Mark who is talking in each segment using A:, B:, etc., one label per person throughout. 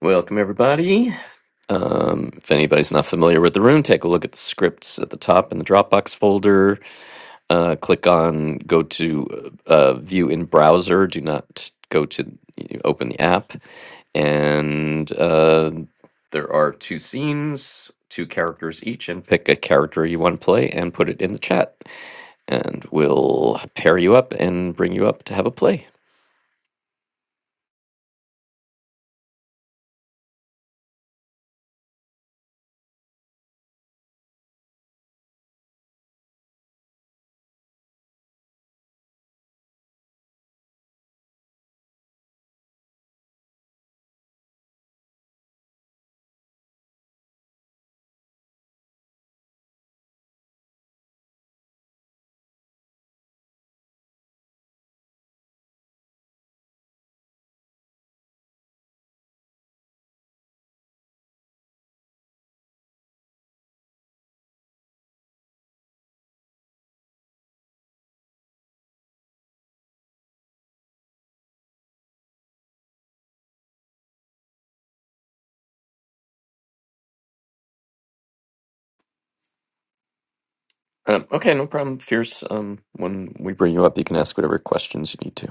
A: Welcome, everybody. Um, if anybody's not familiar with the room, take a look at the scripts at the top in the Dropbox folder. Uh, click on go to uh, uh, view in browser. Do not go to you open the app. And uh, there are two scenes, two characters each, and pick a character you want to play and put it in the chat. And we'll pair you up and bring you up to have a play. Um, okay, no problem. Fierce, um, when we bring you up, you can ask whatever questions you need to.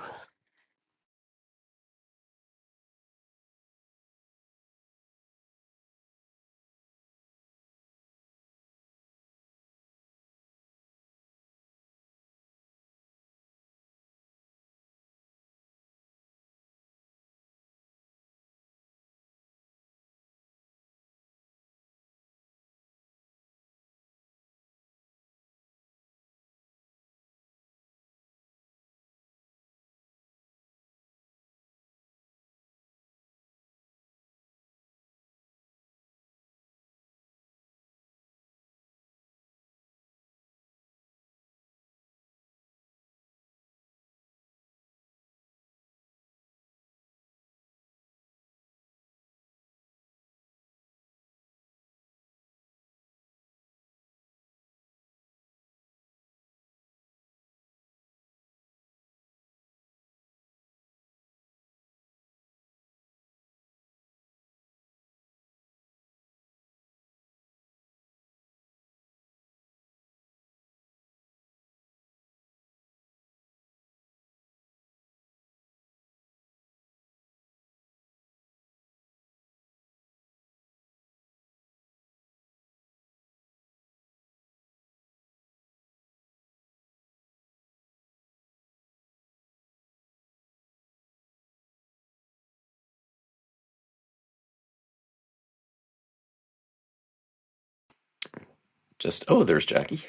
A: Just, oh, there's Jackie.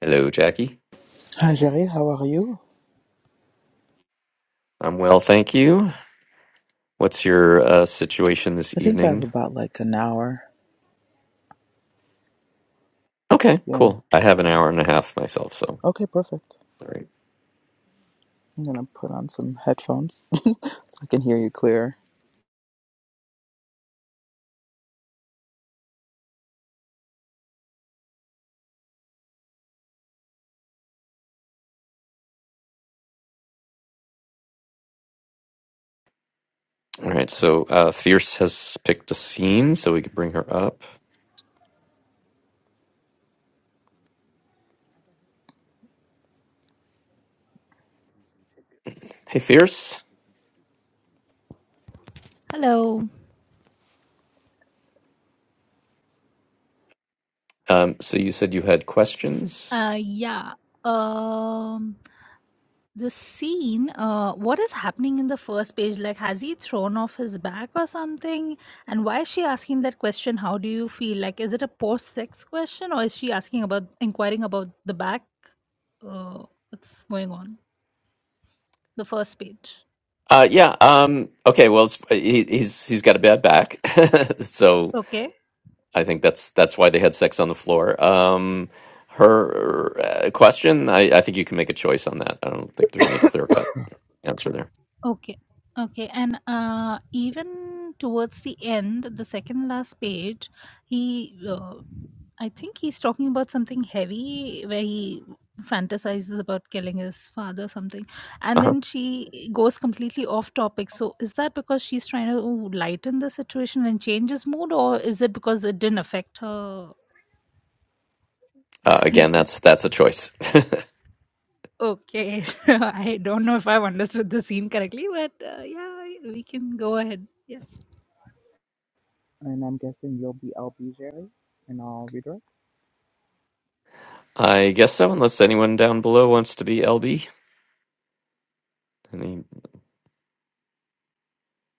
A: Hello, Jackie.
B: Hi, Jerry. How are you?
A: I'm well, thank you. What's your uh, situation this
B: I think I have
A: evening?
B: about like an hour.
A: Okay,
B: Yeah.
A: cool. I have an hour and a half myself, so.
B: Okay, perfect.
A: All right.
B: I'm gonna put on some headphones so I can hear you clear.
A: All right, so uh, Fierce has picked a scene, so we can bring her up. Hey, Fierce.
C: Hello.
A: Um, so you said you had questions?
C: Uh, yeah. Um, the scene. Uh, what is happening in the first page? Like, has he thrown off his back or something? And why is she asking that question? How do you feel? Like, is it a post-sex question, or is she asking about inquiring about the back? Uh, what's going on? The first page.
A: Uh, yeah. Um, okay. Well, it's, he, he's he's got a bad back, so
C: Okay.
A: I think that's that's why they had sex on the floor. Um, her uh, question, I, I think you can make a choice on that. I don't think there's any clear cut answer there.
C: Okay. Okay. And uh, even towards the end, the second last page, he, uh, I think he's talking about something heavy where he fantasizes about killing his father, something. And
A: Uh-huh.
C: then she goes completely off topic. So is that because she's trying to lighten the situation and change his mood, or is it because it didn't affect her?
A: Uh, again, that's that's a choice.
C: okay. So I don't know if I've understood the scene correctly, but uh, yeah, we can go ahead. Yeah.
B: And I'm guessing you'll be LB, Jerry, and I'll redirect.
A: I guess so, unless anyone down below wants to be LB. Any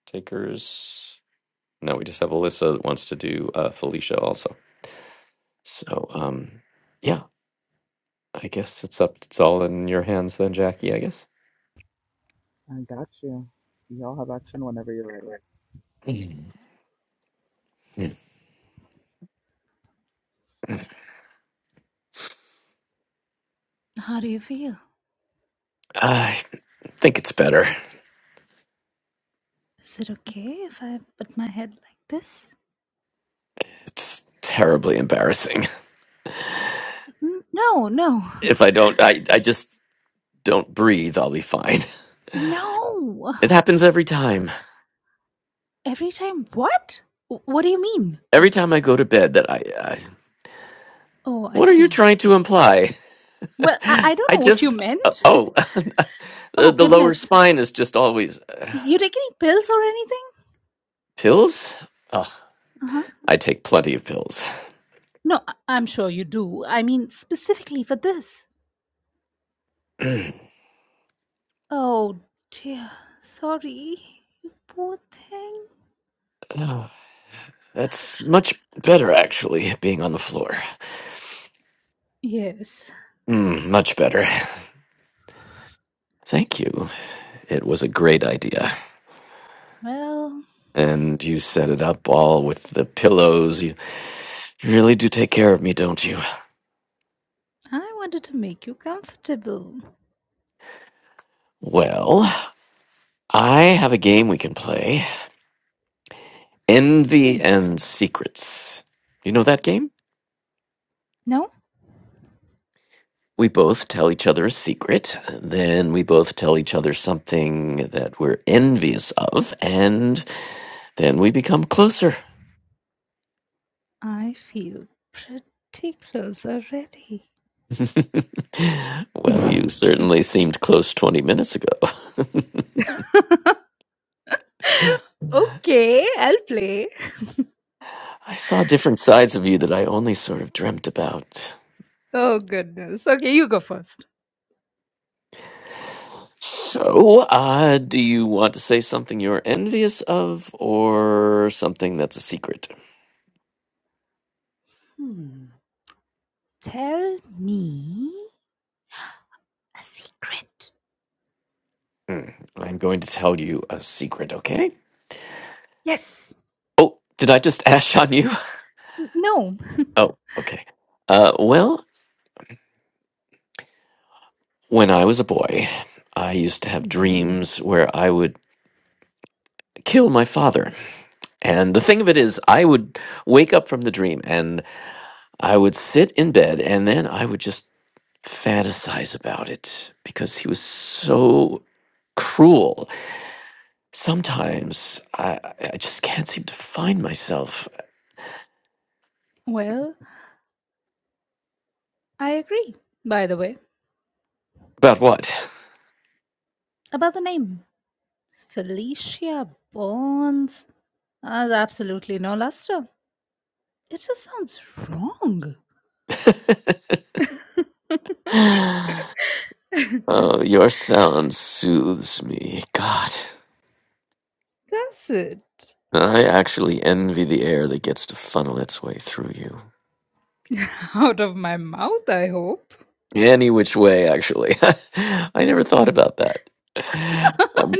A: takers? No, we just have Alyssa that wants to do uh, Felicia also. So, um, yeah, I guess it's up. It's all in your hands then, Jackie. I guess.
B: I got you. Y'all have action whenever you're ready.
C: How do you feel?
A: I think it's better.
C: Is it okay if I put my head like this?
A: It's terribly embarrassing.
C: N- No, no,
A: if I don't, I, I just don't breathe, I'll be fine.
C: no.
A: It happens every time.
C: Every time, what? W- What do you mean?
A: Every time I go to bed, that I. I
C: Oh, I
A: what are you
C: see.
A: trying to imply?
C: Well, I, I don't
A: I
C: know what you
A: just. Uh,
C: meant.
A: oh, the,
C: Oh,
A: the lower
C: goodness.
A: spine is just always. Uh,
C: You take any pills or anything?
A: pills? Oh,
C: Uh huh.
A: I take plenty of pills.
C: No, I- I'm sure you do. I mean, specifically for this. Oh, dear. Sorry. You poor thing.
A: oh, that's much better, actually, being on the floor.
C: Yes.
A: Mm, much better. Thank you. It was a great idea.
C: Well,
A: And you set it up all with the pillows. You really do take care of me, don't you?
C: I wanted to make you comfortable.
A: Well, I have a game we can play Envy
C: Hmm.
A: and Secrets. You know that game?
C: No?
A: We both tell each other a secret, then we both tell each other something that we're envious of, and then we become closer.
C: I feel pretty close already.
A: well, you certainly seemed close 20 minutes ago.
C: Okay, I'll play.
A: I saw different sides of you that I only sort of dreamt about.
C: Oh, goodness. Okay, you go first.
A: So, uh, do you want to say something you're envious of or something that's a secret?
C: Hmm. Tell me a secret.
A: Hmm. I'm going to tell you a secret, okay?
C: Yes.
A: Oh, did I just ash on you?
C: N- No.
A: Oh, okay. Uh, well, when I was a boy, I used to have
C: Mhm.
A: dreams where I would kill my father. And the thing of it is, I would wake up from the dream and I would sit in bed and then I would just fantasize about it because he was so cruel Sometimes I, I just can't seem to find myself.
C: Well, I agree, by the way,
A: About what?
C: about the name. Felicia Bonds has absolutely no luster. It just sounds wrong.
A: oh, your sound soothes me. God.
C: That's it.
A: I actually envy the air that gets to funnel its way through you.
C: Out of my mouth, I hope.
A: Any which way, actually. I never thought about that. Um,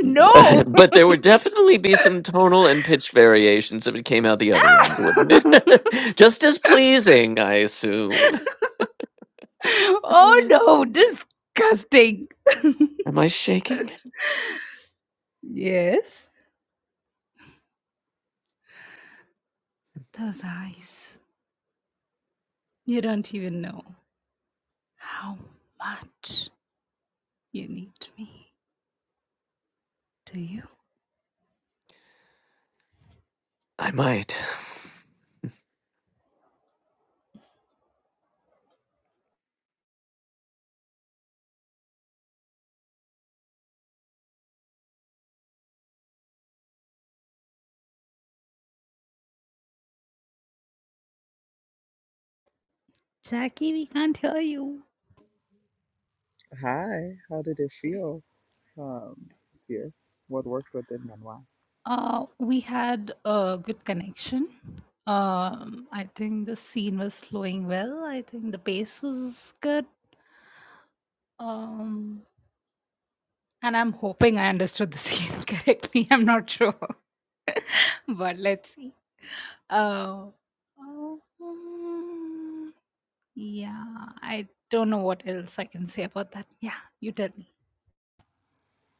C: no!
A: but there would definitely be some tonal and pitch variations if it came out the other end, wouldn't it? Just as pleasing, I assume.
C: Oh
A: Am
C: no, disgusting.
A: I shaking?
C: Yes, those eyes. You don't even know how much you need me, do you?
A: I might.
C: Jackie, we can't hear you.
B: Hi. How did it feel? Um, here. What worked, what didn't, and why?
C: Uh, we had a good connection. Um, I think the scene was flowing well. I think the pace was good. Um, and I'm hoping I understood the scene correctly. I'm not sure, but let's see. Oh. Oh, mm, yeah. I don't know what else I can say about that. Yeah, you tell me.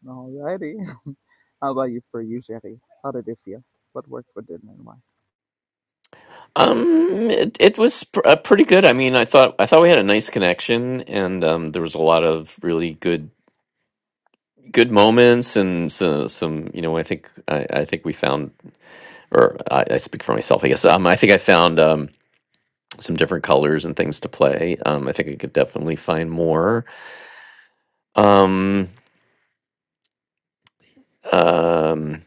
B: Alrighty. how about you for you, Jerry? How did it feel? What worked, what didn't, and why?
A: Um, it, it was pr- uh, pretty good. I mean, I thought I thought we had a nice connection, and um, there was a lot of really good good moments, and so, some you know, I think I, I think we found, or I, I speak for myself, I guess. Um, I think I found um some different colors and things to play. Um, I think I could definitely find more. Um, um,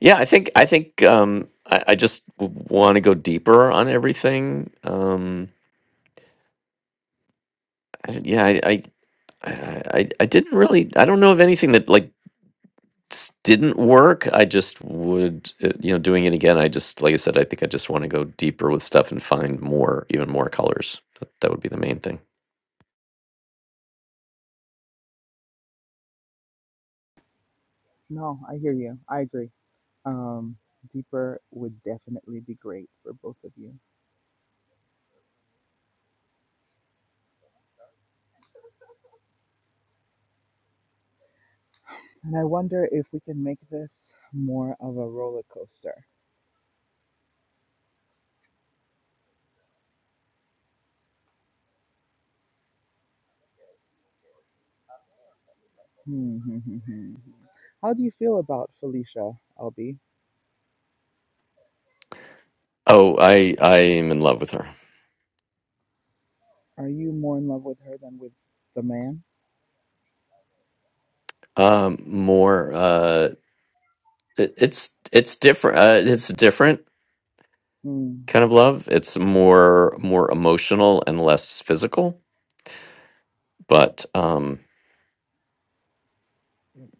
A: yeah, I think I think um I, I just w- want to go deeper on everything. Um, I- yeah, I, I I, I I didn't really I don't know of anything that like s- didn't work. I just would uh, you know doing it again. I just like I said I think I just want to go deeper with stuff and find more even more colors. That, that would be the main thing.
B: No, I hear you. I agree. Um, deeper would definitely be great for both of you. And I wonder if we can make this more of a roller coaster. Hmm, hmm, hmm, hmm. How do you feel about Felicia, Albie?
A: Oh, I I am in love with her.
B: Are you more in love with her than with the man?
A: Um more uh it, it's it's different uh, it's a different
B: Hmm,
A: kind of love. It's more more emotional and less physical, but um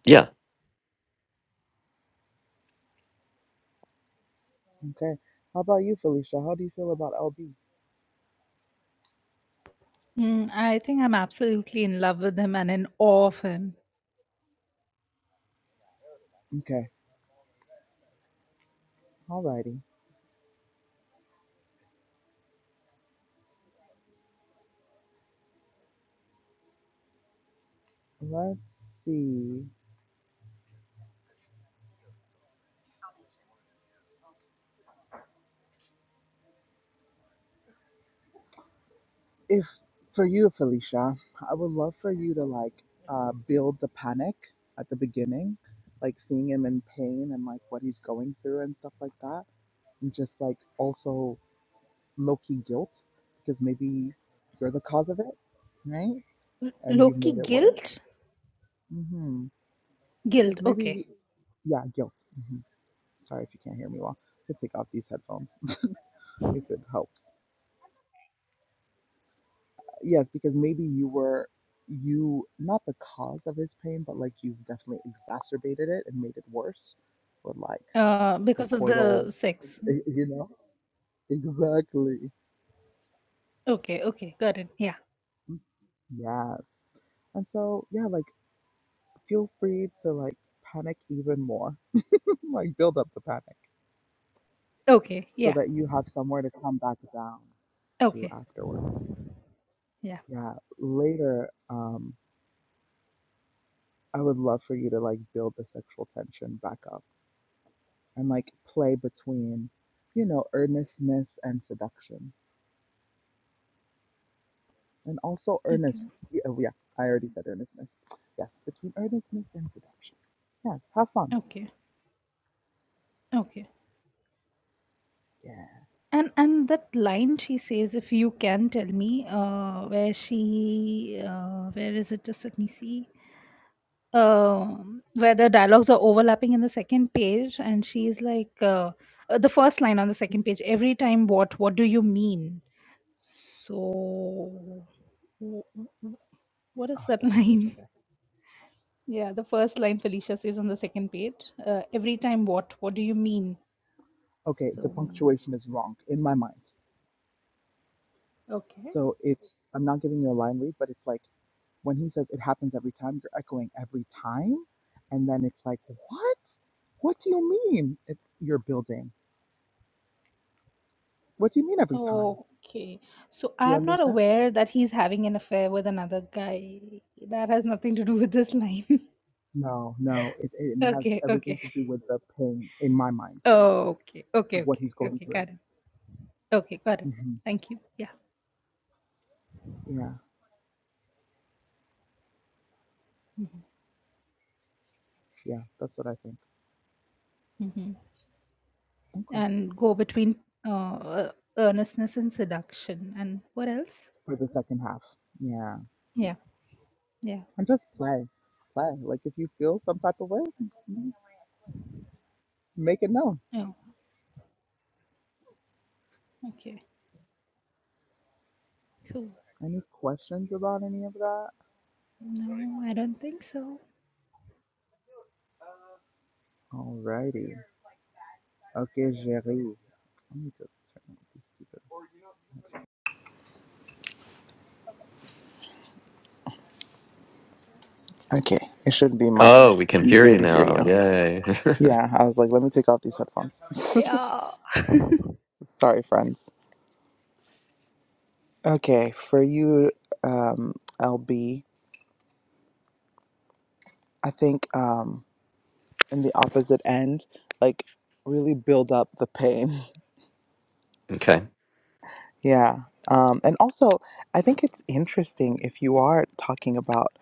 A: yeah.
B: okay. How about you, Felicia? How do you feel about LB?
C: Mm, I think I'm absolutely in love with him and in awe of him.
B: Okay. Alrighty. Let's see. if for you, Felicia, I would love for you to like uh, build the panic at the beginning, like seeing him in pain and like what he's going through and stuff like that, and just like also low key guilt because maybe you're the cause of it, right? And you've
C: Loki
B: made it worse.
C: guilt?
B: hmm Because
C: Guilt,
B: maybe,
C: okay.
B: he- yeah, guilt. hmm Sorry if you can't hear me well. I take off these headphones if it helps. Yes, because maybe you were you not the cause of his pain, but like you've definitely exacerbated it and made it worse with like
C: Uh,
B: the
C: because of
B: coital,
C: the sex.
B: y- you know? Exactly.
C: Okay, okay, got it. Yeah.
B: Yes. And so, yeah, like feel free to like panic even more, like build up the panic
C: Okay,
B: so
C: yeah.
B: that you have somewhere to come back down to
C: Okay,
B: afterwards.
C: yeah.
B: Yeah, later, um, I would love for you to like build the sexual tension back up and like play between, you know, earnestness and seduction, and also earnest.
C: Okay,
B: Yeah, oh, yeah, I already said earnestness. Yes, between earnestness and seduction. Yeah, have fun.
C: okay, okay.
B: Yeah.
C: And and that line she says, if you can tell me, uh, where she, uh, where is it? Just let me see. uh, where the dialogues are overlapping in the second page and she's like uh, uh, the first line on the second page every time what what do you mean so wh- wh- what
B: Oh,
C: is that
B: second page.
C: line
B: Okay.
C: yeah the first line felicia says on the second page uh, every time what what do you mean
B: Okay, the
C: so
B: punctuation is wrong in my mind.
C: okay
B: So it's I'm not giving you a line read, but it's like when he says it happens every time, you're echoing every time, and then it's like, what? What do you mean? It's you're building. What do you mean every time?
C: okay so
B: Do you
C: i'm not
B: understand?
C: aware that he's having an affair with another guy that has nothing to do with this line
B: No, no, it, it, it has
C: okay okay
B: everything to do with the pain in my mind
C: Oh, Okay,
B: of
C: okay,
B: what
C: okay,
B: he's going
C: okay,
B: through.
C: got it. Okay, got it.
B: hmm
C: Thank you. Yeah.
B: Yeah,
C: Mhm,
B: yeah, that's what I think.
C: mhm.
B: Okay.
C: And go between uh, uh, earnestness and seduction. And what else?
B: For the second half. Yeah.
C: Yeah, yeah.
B: And just play, play. Like if you feel some type of way, you know, make it known.
C: Oh, okay, cool.
B: Any questions about any of that?
C: No, I don't think so.
B: Alrighty. Okay, Jerry. Let me just turn off these stupid. Okay, it should be much
A: Oh, we can hear
B: easier
A: you
B: to hear
A: now.
B: you.
A: Yay.
B: Yeah, I was like, let me take off these headphones.
C: Yeah.
B: Sorry, friends. Okay, for you, um, LB, I think um, in the opposite end, like really build up the pain.
A: okay.
B: Yeah. Um, and also, I think it's interesting if you are talking about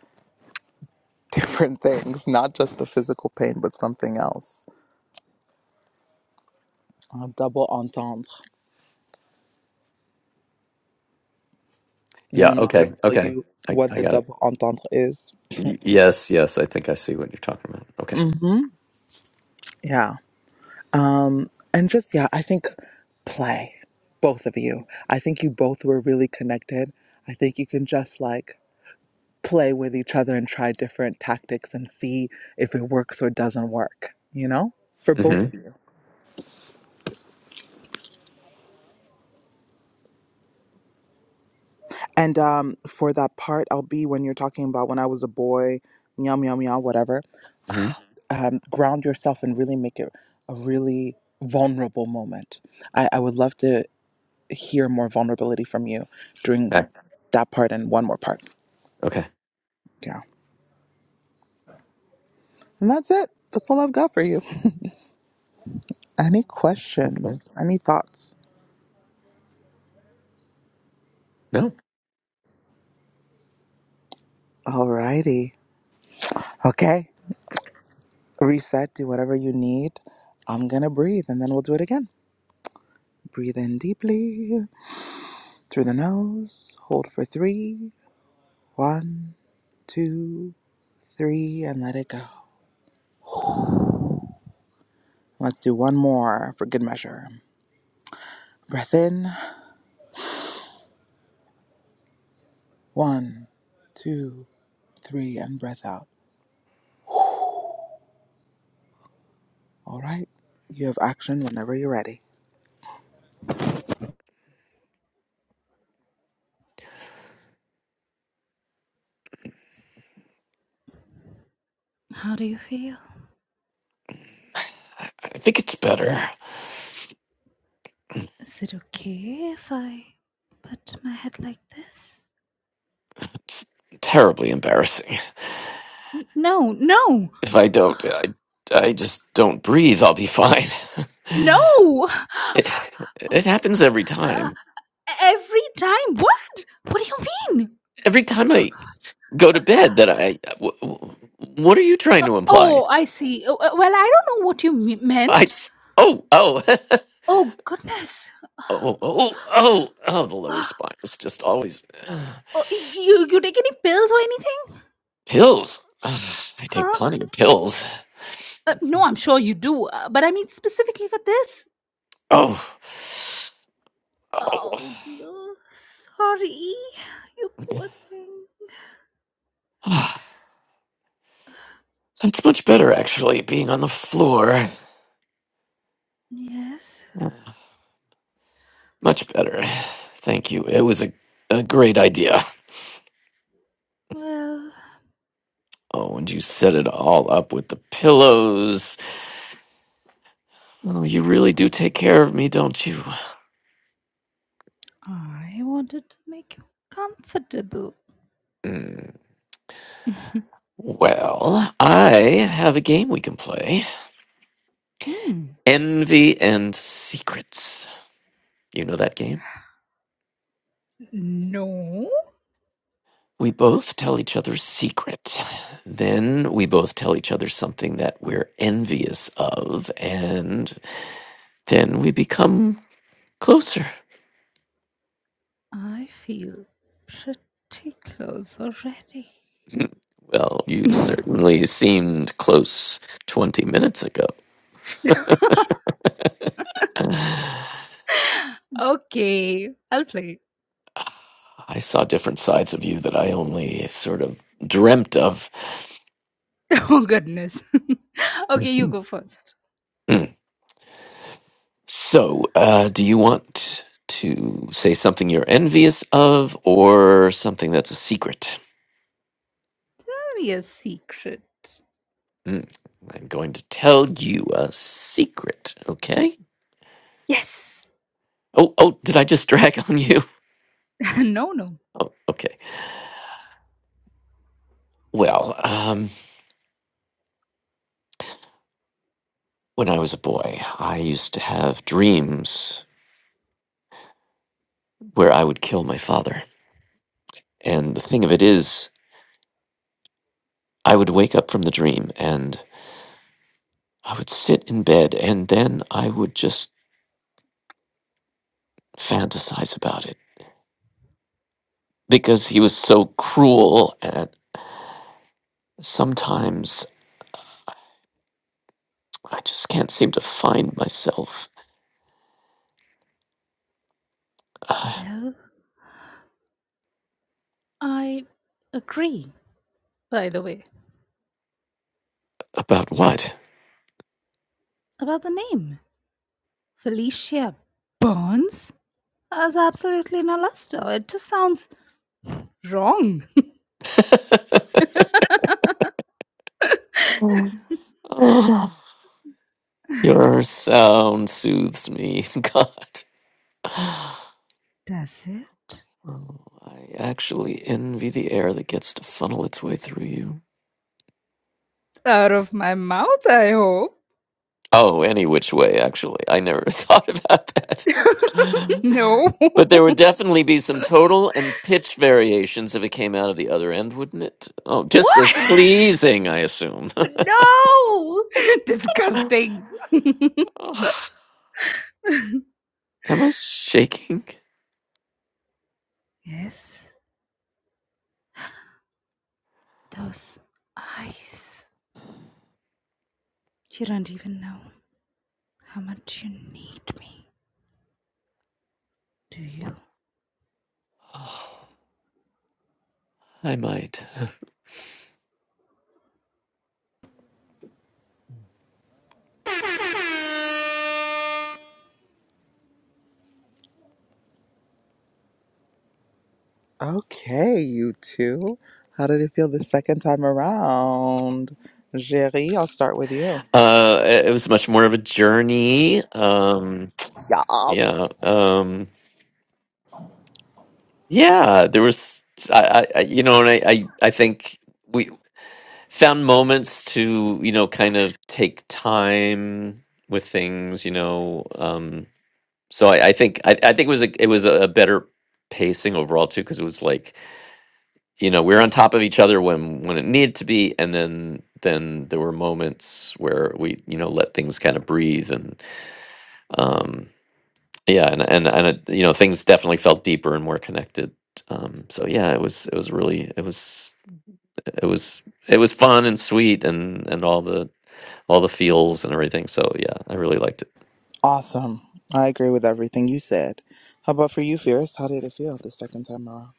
B: different things, not just the physical pain, but something else. Uh, double entendre. And
A: Yeah.
B: I'm not going
A: Okay.
B: to tell
A: Okay.
B: you
A: I
B: what
A: I
B: the
A: got it.
B: double entendre is.
A: Y- yes. Yes. I think I see what you're talking about. Okay.
B: Mm-hmm. yeah. Um, and just, yeah, I think play, both of you. I think you both were really connected. I think you can just like play with each other and try different tactics and see if it works or doesn't work, you know, for both of
A: Mm-hmm.
B: you. And um, for that part, I'll be when you're talking about when I was a boy, meow, meow, meow, whatever,
A: Mm-hmm.
B: um, ground yourself and really make it a really vulnerable moment. I, I would love to hear more vulnerability from you during
A: Okay.
B: that part and one more part.
A: Okay.
B: Yeah. And that's it. That's all I've got for you. Any
A: Okay.
B: questions? Any thoughts?
A: No.
B: Alrighty. Okay. Reset. Do whatever you need. I'm going to breathe and then we'll do it again. Breathe in deeply through the nose. Hold for three. One, two, three, and let it go. Let's do one more for good measure. Breath in. One, two, three, and breath out. All right. You have action whenever you're ready.
C: How do you feel?
A: I think it's better.
C: Is it okay if I put my head like this?
A: It's terribly embarrassing.
C: N- No, no,
A: If I don't, I, I just don't breathe, I'll be fine.
C: no!
A: it,
C: Oh,
A: it happens every
C: uh,
A: time.
C: every time. What? What do you mean?
A: Every time
C: Oh
A: I
C: God.
A: go to bed, that I. W- w- what are you trying
C: Uh,
A: to imply?
C: oh, I see. Uh, uh, well, I don't know what you me-
A: I
C: meant.
A: just. Oh, oh.
C: Oh goodness.
A: Oh, oh, oh, oh, the lower
C: Uh,
A: spine is just always.
C: oh, y- you you take any pills or anything?
A: Pills. Ugh, I take
C: Huh?
A: plenty of pills.
C: Uh, no, I'm sure you do. Uh, but I mean specifically for this.
A: Oh. Oh.
C: Oh dear. Sorry. You poor thing.
A: Ah, That's much better, actually, being on the floor.
C: Yes.
A: Much better. Thank you. It was a, a great idea.
C: Well,
A: Oh, and you set it all up with the pillows. Oh, you really do take care of me, don't you?
C: I wanted to make you comfortable.
A: Hmm. Well, I have a game we can play
C: hmm.
A: Envy and Secrets. You know that game?
C: No,
A: We both tell each other's secret. Then we both tell each other something that we're envious of, and then we become closer.
C: I feel pretty close already.
A: well, you certainly seemed close 20 minutes ago.
C: Okay, I'll play.
A: I saw different sides of you that I only sort of dreamt of.
C: Oh goodness. okay, you
A: Mhm.
C: go first.
A: Mm. So, uh, do you want to say something you're envious of or something that's a secret?
C: Tell me a secret.
A: Mm, I'm going to tell you a secret, okay?
C: Yes.
A: Oh, oh, did I just drag on you?
C: no, no.
A: Oh, okay. Well, um, when I was a boy, I used to have dreams where I would kill my father. And the thing of it is, I would wake up from the dream and I would sit in bed and then I would just fantasize about it because he was so cruel and sometimes I just can't seem to find myself. Uh,
C: Well, I agree, by the way,
A: about what?
C: about the name. Felicia Burns has absolutely no luster. It just sounds Wrong.
A: Oh, your sound soothes me, God. Oh,
C: Does it?
A: I actually envy the air that gets to funnel its way through you.
C: Out of my mouth, I hope.
A: Oh, any which way, actually. I never thought about that.
C: no.
A: But there would definitely be some total and pitch variations if it came out of the other end, wouldn't it? Oh, just as
C: What?
A: pleasing, I assume.
C: No. Disgusting.
A: Oh, am I shaking?
C: yes, those eyes. You don't even know how much you need me, do you?
A: Oh, I might.
B: Okay, you two. How did it feel the second time around? Jerry, I'll start with you.
A: Uh, it it was much more of a journey. Um,
B: Yes.
A: yeah, um, yeah. There was, I, I, I- you know, and I, I, I think we found moments to, you know, kind of take time with things, you know. Um, so I, I think, I, I think it was a, it was a better pacing overall too, because it was like, you know, we were on top of each other when when it needed to be, and then then there were moments where we, you know, let things kind of breathe and. um. yeah and and and it, you know things definitely felt deeper and more connected um so yeah it was it was really it was it was it was fun and sweet and and all the all the feels and everything so yeah i really liked it
B: Awesome. I agree with everything you said. How about for you, Fierce? How did it feel the second time around?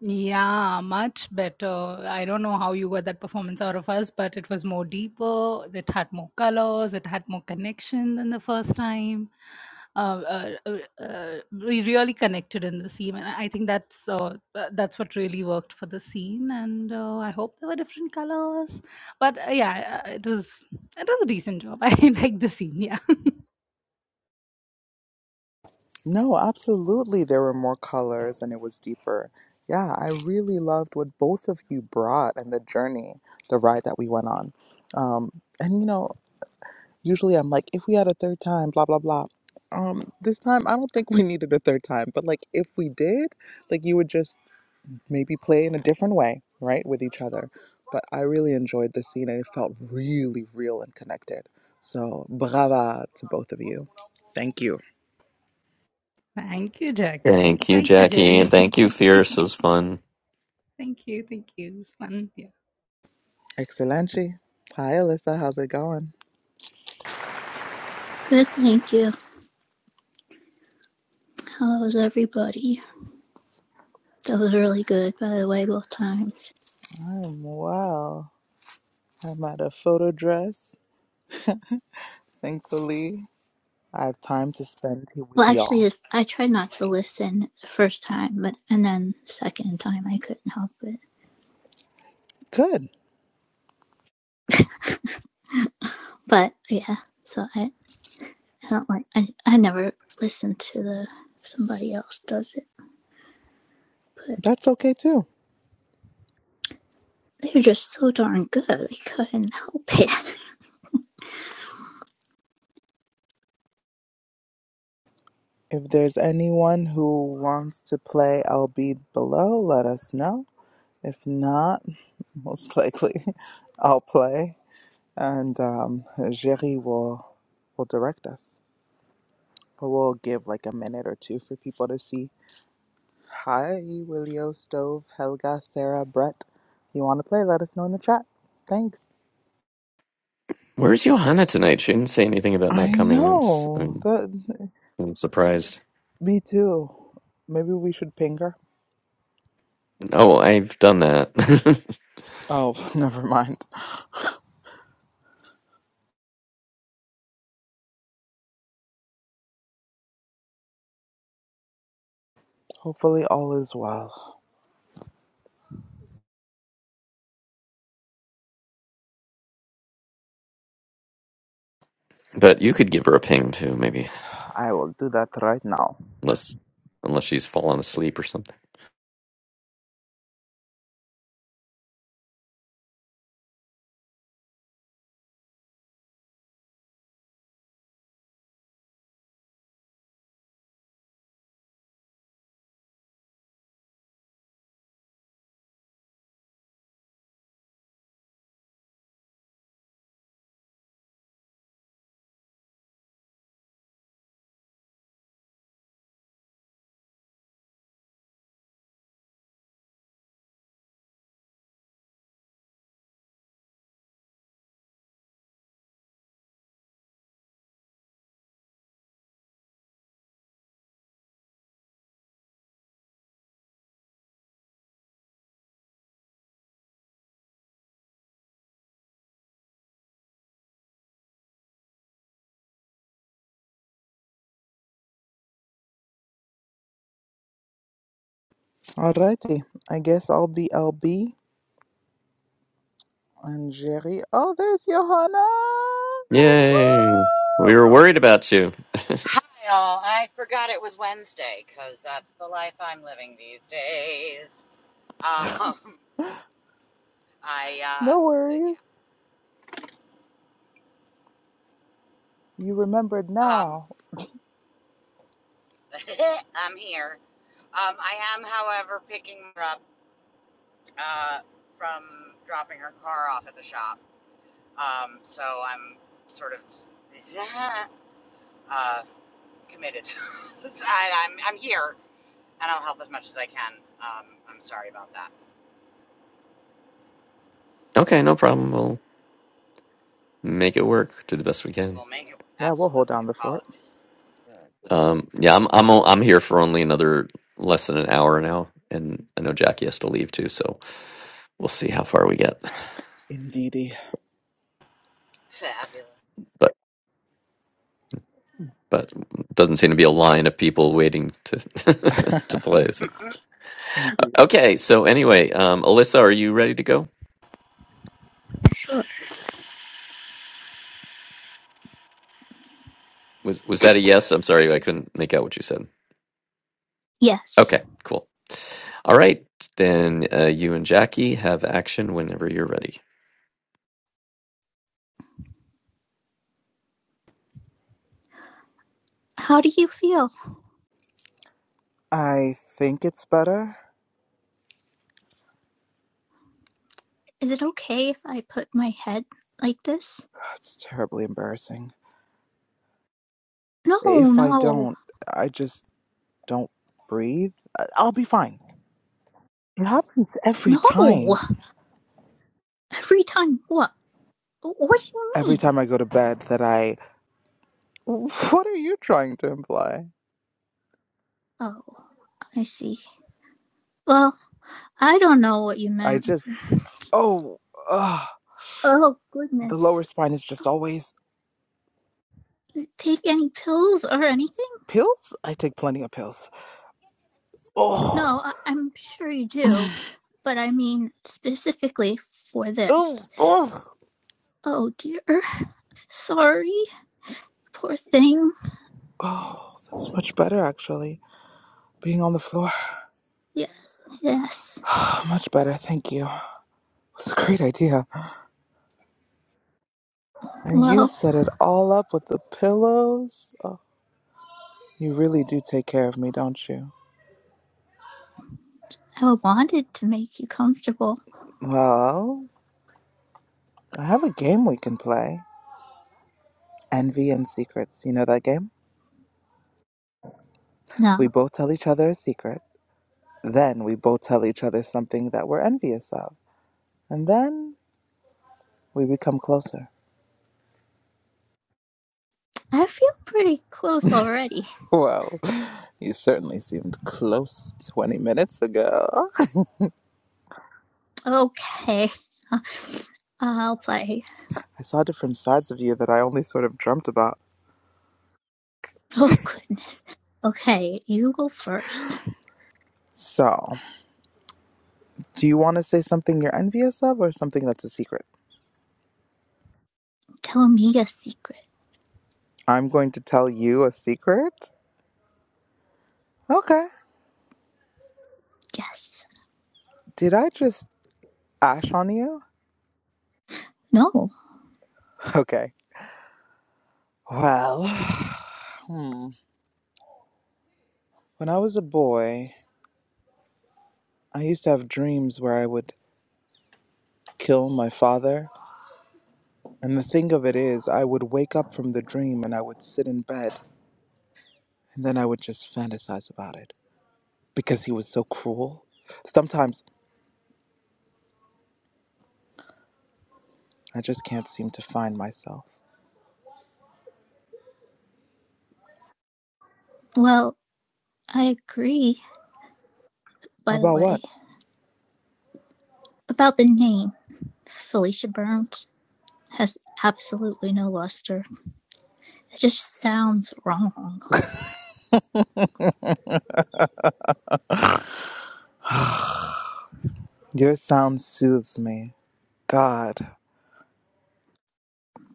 C: Yeah, much better. I don't know how you got that performance out of us, but it was more deeper. It had more colors. It had more connection than the first time. Uh, uh, uh, uh, we really connected in the scene, and I think that's uh, uh, that's what really worked for the scene. And uh, I hope there were different colors, but uh, yeah, uh, it was it was a decent job. I like the scene. Yeah.
B: No, absolutely. There were more colors and it was deeper. Yeah, I really loved what both of you brought and the journey, the ride that we went on. Um, and you know, Usually I'm like, if we had a third time, blah, blah, blah. Um, this time I don't think we needed a third time, but like if we did, like you would just maybe play in a different way, right, with each other. But I really enjoyed the scene and it felt really real and connected. So brava to both of you. Thank you.
C: Thank you, Jackie.
A: thank you
C: Thank you,
A: jackie
C: Jerry.
A: and thank you fierce it was fun
C: thank you. Thank you. It's fun. Yeah.
B: Excellency. Hi Alyssa, how's it going?
D: Good, thank you. How was everybody? That was really good, by the way, both times.
B: I'm well. I'm at a photo dress, thankfully. I have time to spend here with
D: Well, actually,
B: y'all.
D: I tried not to listen the first time, but and then the second time I couldn't help it.
B: Good.
D: But yeah, so I, I don't like I I never listen to the somebody else does it, but
B: That's okay too.
D: they were just so darn good. I couldn't help it.
B: If there's anyone who wants to play, I'll be below. Let us know. If not, most likely, I'll play, and um, Jerry will will direct us. But we'll give like a minute or two for people to see. Hi, Willio Stove, Helga, Sarah, Brett. You want to play? Let us know in the chat. Thanks.
A: where's johanna tonight she didn't say anything about not
B: I
A: coming i'm, s-
B: know.
A: I'm,
B: That,
A: I'm surprised
B: me too. Maybe we should ping her.
A: oh i've done that
B: Oh, never mind. Hopefully, all is well.
A: but you could give her a ping too maybe
B: I will do that right now.
A: unless unless she's fallen asleep or something
B: Alrighty. I guess I'll be LB and Jerry. Oh, there's Johanna. What's
A: yay we
B: up?
A: were worried about you
E: Hi, all. I forgot it was Wednesday because that's the life I'm living these days. Um, I, uh,
B: No worries. You remembered
E: yeah, um,
B: now.
E: I'm here. Um, I am, however, picking her up uh, from dropping her car off at the shop. Um, so I'm sort of uh, committed. It's- I, I'm, I'm here and I'll help as much as I can. Um, I'm sorry about that.
A: Okay, no problem. We'll make it work to the best we
E: We
A: can.
E: will make it
B: Yeah, we'll
E: absolutely
B: hold down the fort.
E: apologize.
A: Um, yeah, I'm I'm o- I'm here for only another less than an hour now, and I know Jackie has to leave too, so we'll see how far we get.
B: Indeedy.
E: Fabulous.
A: But but doesn't seem to be a line of people waiting to to play. So.
B: Indeed.
A: Okay, so anyway, um, Alyssa, are you ready to go?
D: Sure.
A: Was was that
D: Was,
A: a
D: was it?
A: yes? I'm sorry, I couldn't make out what you said.
D: yes.
A: Okay, cool. All right, then uh, you and Jackie have action whenever you're ready.
D: How do you feel?
B: I think it's better.
D: Is it okay if I put my head like this?
B: It's terribly embarrassing.
D: No,
B: If I
D: no,
B: don't, I just don't breathe. I- I'll be fine. It happens every
D: no.
B: time.
D: Every time what? What do you
B: Every
D: mean?
B: time I go to bed that I. What are you trying to imply?
D: Oh, I see. Well, I don't know what you
B: I
D: meant.
B: just, oh, uh,
D: Oh,
B: the
D: goodness.
B: lower spine is just always
D: Take any pills or anything?
B: pills. I take plenty of pills.
D: No,
B: Oh,
D: I- I'm sure you do, but I mean specifically for
B: oh,
D: this.
B: oh,
D: Oh, dear. Sorry. Poor thing.
B: oh, that's much better actually. Being on the floor,
D: Yes, yes.
B: much better. Thank you. It's a great idea. And you
D: Well,
B: set it all up with the pillows. Oh, you really do take care of me, don't you?
D: I wanted to make you comfortable.
B: Well, I have a game we can play. Envy and secrets. You know that game? We
D: No,
B: both tell each other a secret. Then we both tell each other something that we're envious of. And then we become closer.
D: I feel pretty close already.
B: Well, you certainly seemed close 20 minutes ago.
D: Okay. I'll play.
B: I saw different sides of you that I only sort of dreamt about.
D: Oh, goodness. Okay, you go first.
B: So, do you want to say something you're envious of or something that's a secret?
D: Tell me a secret.
B: I'm going to tell you a secret? Okay.
D: Yes.
B: Did I just ash on you?
D: No.
B: Okay. Well, hmm. When I was a boy, I used to have dreams where I would kill my father And the thing of it is, I would wake up from the dream and I would sit in bed and then I would just fantasize about it because he was so cruel. Sometimes I just can't seem to find myself.
D: Well, I agree, by the
B: About
D: way, about the name. Felicia Burns has absolutely no luster. It just sounds wrong,
B: what? Your sound soothes me. God,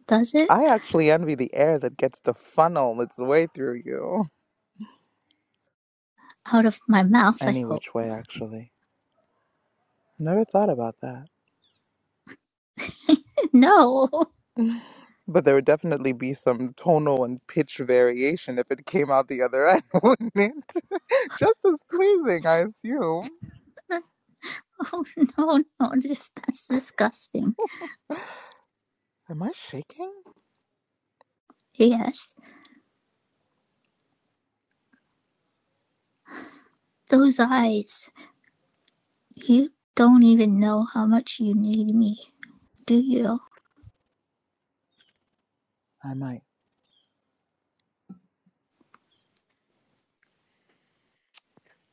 D: does it?
B: I actually envy the air that gets to funnel its way through you.
D: Out of my mouth, I
B: Any
D: hope.
B: which way, actually. Never thought about that.
D: No.
B: But there would definitely be some tonal and pitch variation if it came out the other end, wouldn't it? Just as pleasing, I assume.
D: Oh, no, no. Just, that's disgusting.
B: Am I shaking?
D: Yes. Those eyes. You don't even know how much you need me, do you?
B: I might.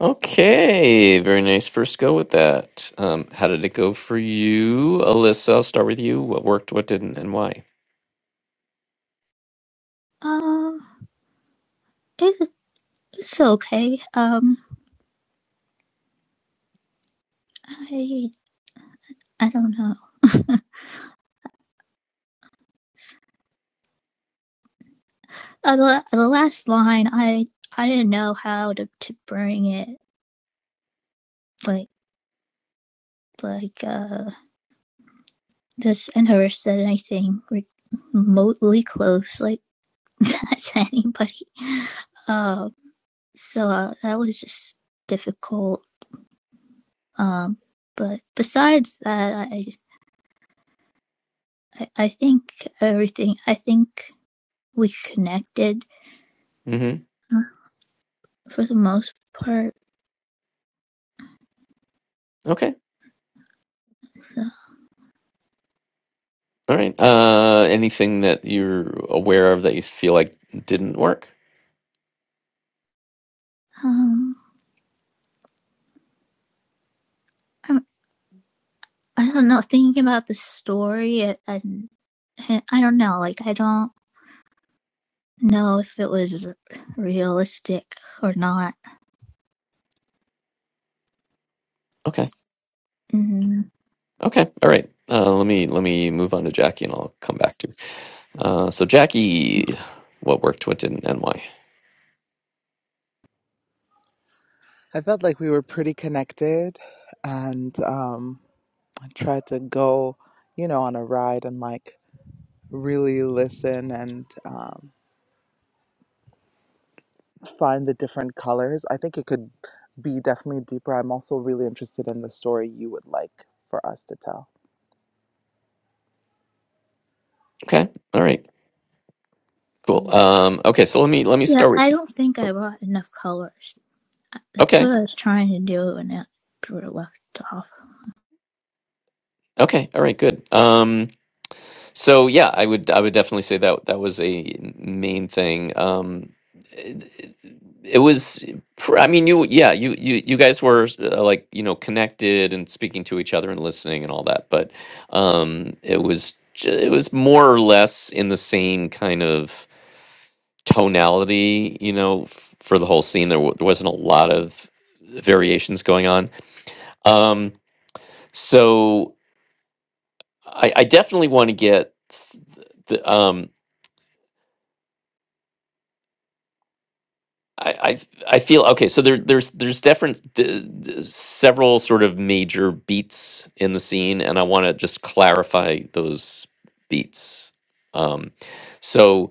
A: Okay, very nice. First go with that. Um, how did it go for you, Alyssa? I'll start with you. What worked, what didn't, and why?
D: Um, Uh, it's It's okay. Um, I I don't know. Uh, the the last line, I I didn't know how to to bring it. Like like uh, this and her said anything remotely close like that to anybody. Uh, so uh, that was just difficult. Um, but besides that, I I, I think everything. I think we connected
A: hmm
D: uh, for the most part.
A: Okay.
D: So
A: All right. Uh, anything that you're aware of that you feel like didn't work?
D: um, I I don't know. Thinking about the story, it, and I, I don't know. Like, I don't know if it was r- realistic or not.
A: Okay.
D: Mm.
A: Okay. All right. Uh, let me let me move on to Jackie, and I'll come back to. you. Uh, so Jackie, what worked, what didn't, and why?
B: I felt like we were pretty connected, and um, I tried to go, you know, on a ride and like really listen and um, find the different colors. I think it could be definitely deeper. I'm also really interested in the story you would like for us to tell.
A: Okay. All right. Cool.
B: Yeah.
A: Um, okay. So let me let me
D: Yeah,
A: start
D: I
A: with.
D: don't think I brought enough colors. That's
A: Okay.
D: what I was trying to do, when it sort of left off.
A: Okay. All right. Good. Um, So yeah, I would I would definitely say that that was a main thing. Um, it, it was, pr- I mean, you yeah, you you you guys were uh, like you know connected and speaking to each other and listening and all that, but um, it was j- it was more or less in the same kind of tonality, you know, f- for the whole scene. There, w- there wasn't a lot of variations going on. Um, so I, I definitely want to get. th- The, um, I, I I feel okay. So there there's there's different d- d- several sort of major beats in the scene, and I want to just clarify those beats. Um, so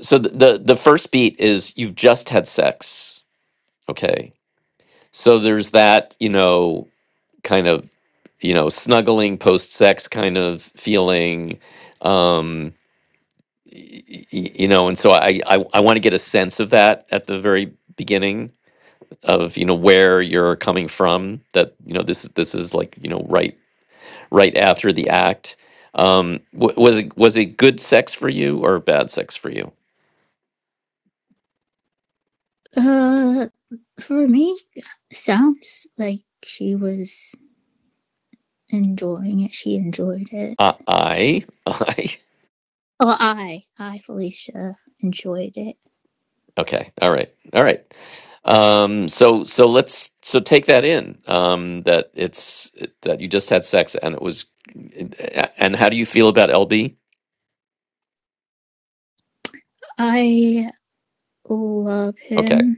A: so the, the the first beat is you've just had sex, okay? So there's that you know kind of you know snuggling post sex kind of feeling. Um, y- y- y- you know, and so I I, I want to get a sense of that at the very beginning of you know where you're coming from that you know this is this is like you know right right after the act um wa- was it was it good sex for you or bad sex for you
D: Uh, for me, sounds like she was enjoying it. She enjoyed it.
A: uh, i i
D: Oh, I, I, Felicia, enjoyed it.
A: okay all right all right um so so let's so take that in um that it's that you just had sex and it was and how do you feel about lb
D: I love
A: okay
D: him.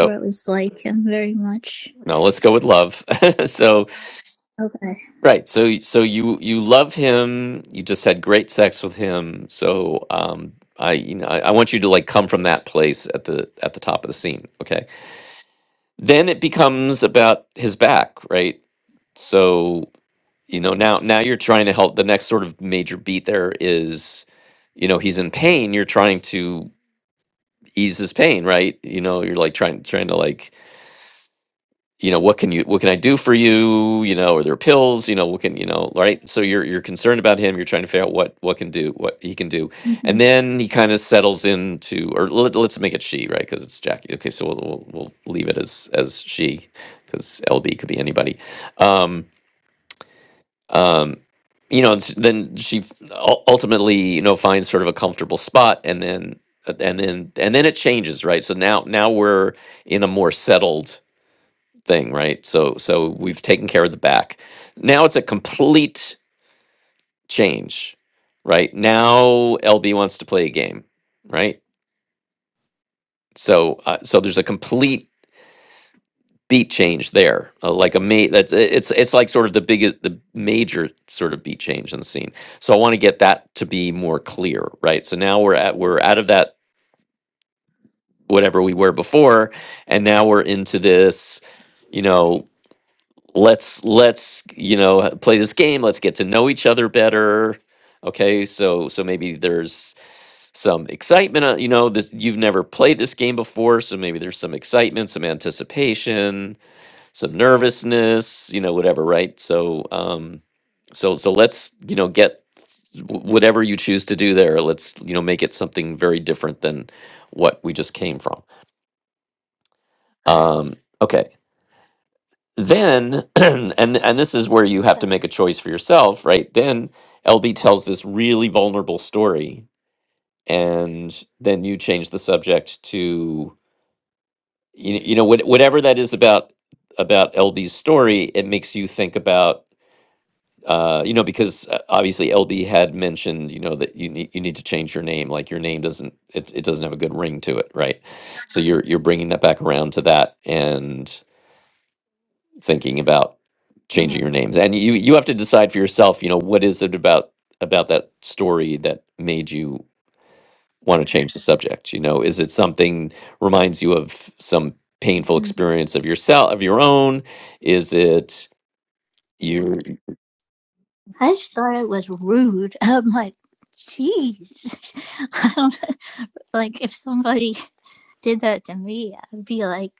D: or at least like him very much.
A: no let's go with love so
D: Okay.
A: Right. So so you you love him. You just had great sex with him. So um I you know I, I want you to like come from that place at the at the top of the scene, okay? Then it becomes about his back, right? So, you know, now now you're trying to help the next sort of major beat there is you know, he's in pain, you're trying to ease his pain, right? You know, you're like trying trying to like you know what can you what can i do for you you know are there pills you know what can you know right so you're you're concerned about him you're trying to figure out what what can do what he can do and
D: hmm
A: then he kind of settles into or let, us make it she right because it's jackie okay so we'll, we'll we'll leave it as as she because lb could be anybody um um you know and s- then she f- ul- ultimately you know finds sort of a comfortable spot and then uh, and then and then it changes right so now now we're in a more settled thing, right? So so we've taken care of the back. Now it's a complete change, right? Now LB wants to play a game, right? So uh, so there's a complete beat change there, uh, like a ma- that's i- it's it's like sort of the biggest the major sort of beat change in the scene. So I want to get that to be more clear, right? So now we're at we're out of that whatever we were before, and now we're into this. You know, let's let's you know play this game let's get to know each other better okay so so maybe there's some excitement uh, you know this you've never played this game before so maybe there's some excitement some anticipation some nervousness you know whatever right so um so so let's you know get wh- whatever you choose to do there let's you know make it something very different than what we just came from um okay then and and this is where you have to
D: Okay.
A: make a choice for yourself right then lb tells this really vulnerable story and then you change the subject to you, you know what, whatever that is about about lb's story it makes you think about uh, you know because uh, obviously lb had mentioned you know that you need you need to change your name like your name doesn't it, it doesn't have a good ring to it right so you're you're bringing that back around to that and. thinking about changing
D: Uh-huh.
A: your names and you you have to decide for yourself you know what is it about about that story that made you want to change the subject you know is it something reminds you of some painful
D: hmm
A: experience of yourself of your own is it you
D: I just thought it was rude. I'm like, jeez. I don't like if somebody did that to me, I'd be like,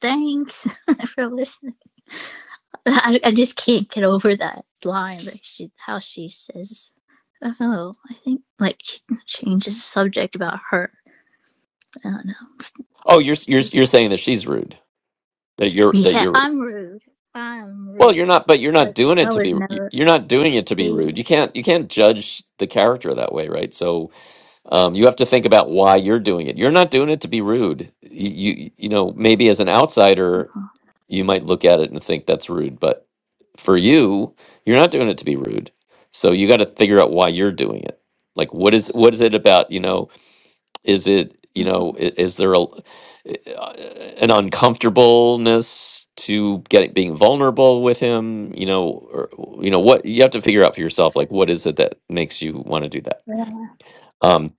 D: thanks for listening. I, I just can't get over that line that she, how she says, oh, I think like she changes the subject about her. I don't know.
A: oh you're s- you're s- you're
D: It's,
A: saying that she's rude that you're that
D: yeah,
A: you're rude.
D: I'm rude. I'm
A: Well,
D: rude.
A: you're not, but you're not
D: Like
A: doing it
D: I
A: to be.
D: would
A: you-
D: never
A: You're not doing it to be
D: say
A: rude. You
D: that.
A: can't. You can't judge the character that way, right? So um, you have to think about why you're doing it. You're not doing it to be rude. You, you, you know, maybe as an outsider,
D: Uh-huh,
A: you might look at it and think that's rude, but for you, you're not doing it to be rude. So you got to figure out why you're doing it. Like, what is what is it about? You know, is it, you
D: uh-huh,
A: know, i- is there a, uh, an uncomfortableness to getting being vulnerable with him, you know, or you know what you have to figure out for yourself like what is it that makes you want to do that.
D: whatever,
A: Um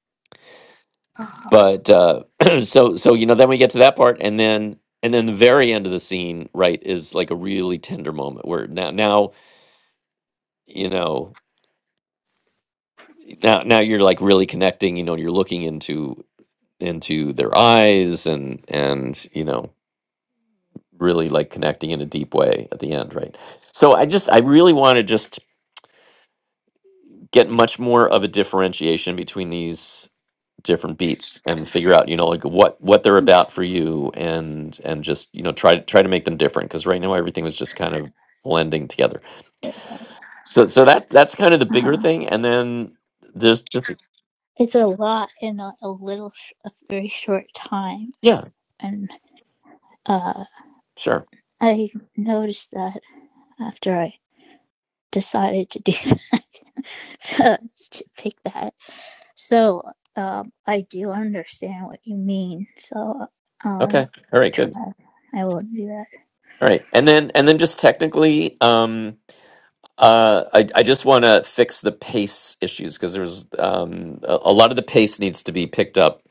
D: uh-huh,
A: but uh so so you know then we get to that part and then and then the very end of the scene right is like a really tender moment where now now you know now now you're like really connecting, you know, you're looking into into their eyes and and you know really like connecting in a deep way at the end, right? So I just I really want to just get much more of a differentiation between these different beats and figure out you know like what what they're about for you and and just you know try to try to make them different because right now everything was just kind of blending together so so that that's kind of the bigger
D: uh-huh.
A: thing and then there's just
D: It's a lot in a, a little, sh- a very short time,
A: yeah
D: and uh,
A: sure
D: I noticed that after I decided to do that, to pick that. So um, I do understand what you mean. So I'll
A: okay all right
D: try.
A: good
D: I will do that.
A: all right and then and then just technically um Uh, I, I just want to fix the pace issues because there's um, a, a lot of the pace needs to be picked up,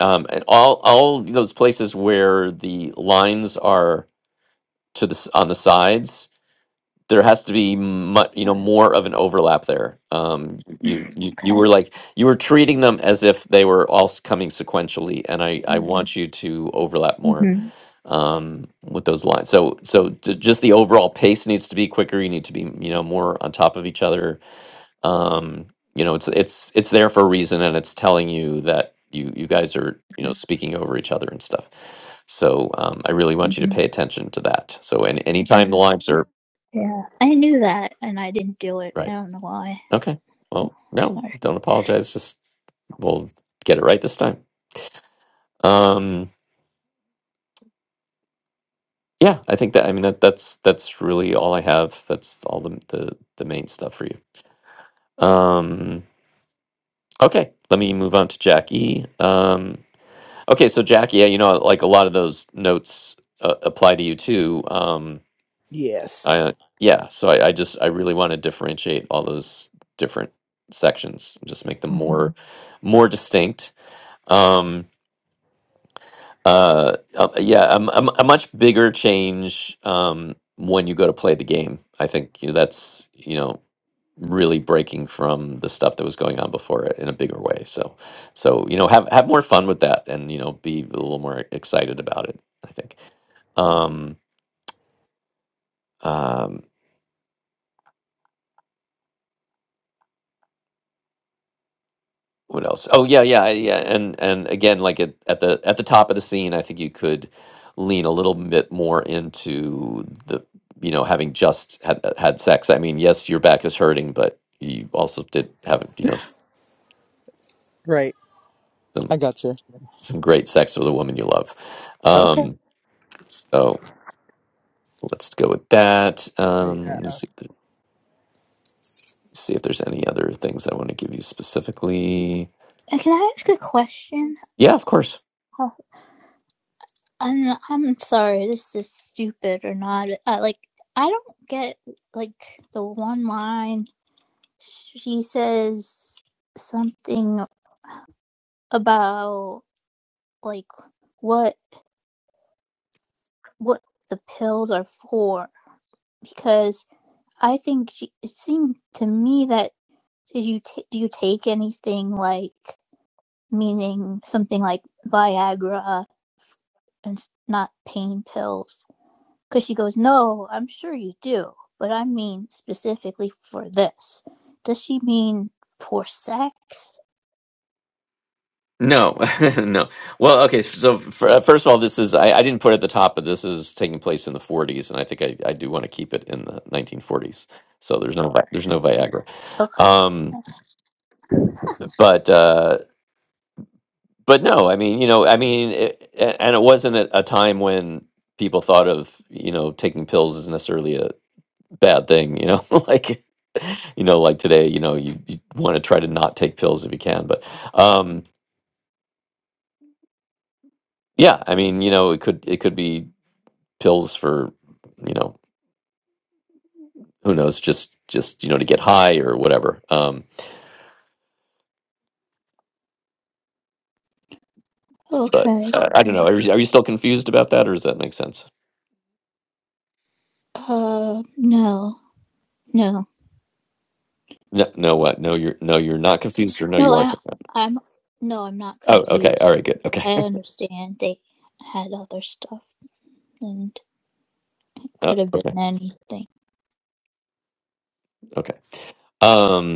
A: um, and all all those places where the lines are to the s- on the sides, there has to be much you know more of an overlap there. Um, you you you
D: Okay.
A: were like you were treating them as if they were all s- coming sequentially, and I I Mm. want you to overlap more
D: hmm
A: um, with those lines. So so j- just the overall pace needs to be quicker. You need to be you know more on top of each other um you know it's it's it's there for a reason and it's telling you that you you guys are you know speaking over each other and stuff so um i really want you to
D: hmm
A: pay attention to that so and anytime the lines are
D: Yeah, I knew that, and I didn't do it. I
A: right
D: don't know why.
A: okay
D: Oh,
A: well no
D: Sorry.
A: don't apologize just we'll get it right this time um yeah i think that i mean that that's that's really all i have that's all the the, the main stuff for you um okay let me move on to jackie um Okay, so Jack, yeah, you know, like a lot of those notes uh, apply to you too. Um,
B: Yes.
A: I uh, yeah, so I, I just I really want to differentiate all those different sections, and just make them
B: hmm
A: more more distinct. Um, uh, uh, yeah, a, m- a m- a much bigger change um, when you go to play the game. I think you know, that's you know really breaking from the stuff that was going on before it in a bigger way. So, so you know, have have more fun with that, and you know, be a little more excited about it. I think. Um, um, what else? Oh yeah, yeah, I- yeah. And and again, like at, at the at the top of the scene, I think you could lean a little bit more into the you know having just had had sex. I mean, yes, your back is hurting, but you also did have you know
B: Right. I
A: some
B: got you.
A: some great sex with a woman you love.
B: Okay.
A: Um, so. Let's go with that. Um, let me
B: Yeah.
A: see, if there- see if there's any other things I want to give you specifically.
D: Uh, Can I ask a question?
A: Yeah, of course.
D: Oh, I'm, I'm sorry, this is stupid or not. Uh, like, I don't get, like, the one line. She says something about, like, what what the pills are for. Because I think she, it seemed to me that did you ta do you take anything like, meaning something like Viagra and s- not pain pills? Because she goes, No, I'm sure you do, but I mean specifically for this. Does she mean for sex?
A: No, no. Well, okay. So, for, uh, first of all, this is, I, I didn't put it at the top, but this is taking place in the 40s, and I think I, I do want to keep it in the 1940s. So there's no Vi- there's no Viagra,
D: Okay.
A: um, but uh, but no, I mean you know I mean it, a- and it wasn't at a time when people thought of you know taking pills as necessarily a bad thing, you know, like you know, like today, you know, you, you want to try to not take pills if you can, but um yeah, I mean, you know, it could it could be pills for, you know, who knows, just just you know to get high or whatever. Um but
D: Okay.
A: uh, I don't know. Are you, are you still confused about that or does that make sense?
D: Uh, no. No.
A: No, no what? No you're no you're not confused or no you
D: No,
A: are
D: I,
A: confused.
D: I'm, no, I'm not
A: Oh, okay. All
D: confused.
A: right, good. Okay.
D: I understand they had other stuff and
A: Uh,
D: could have
A: okay.
D: been anything.
A: Okay. Um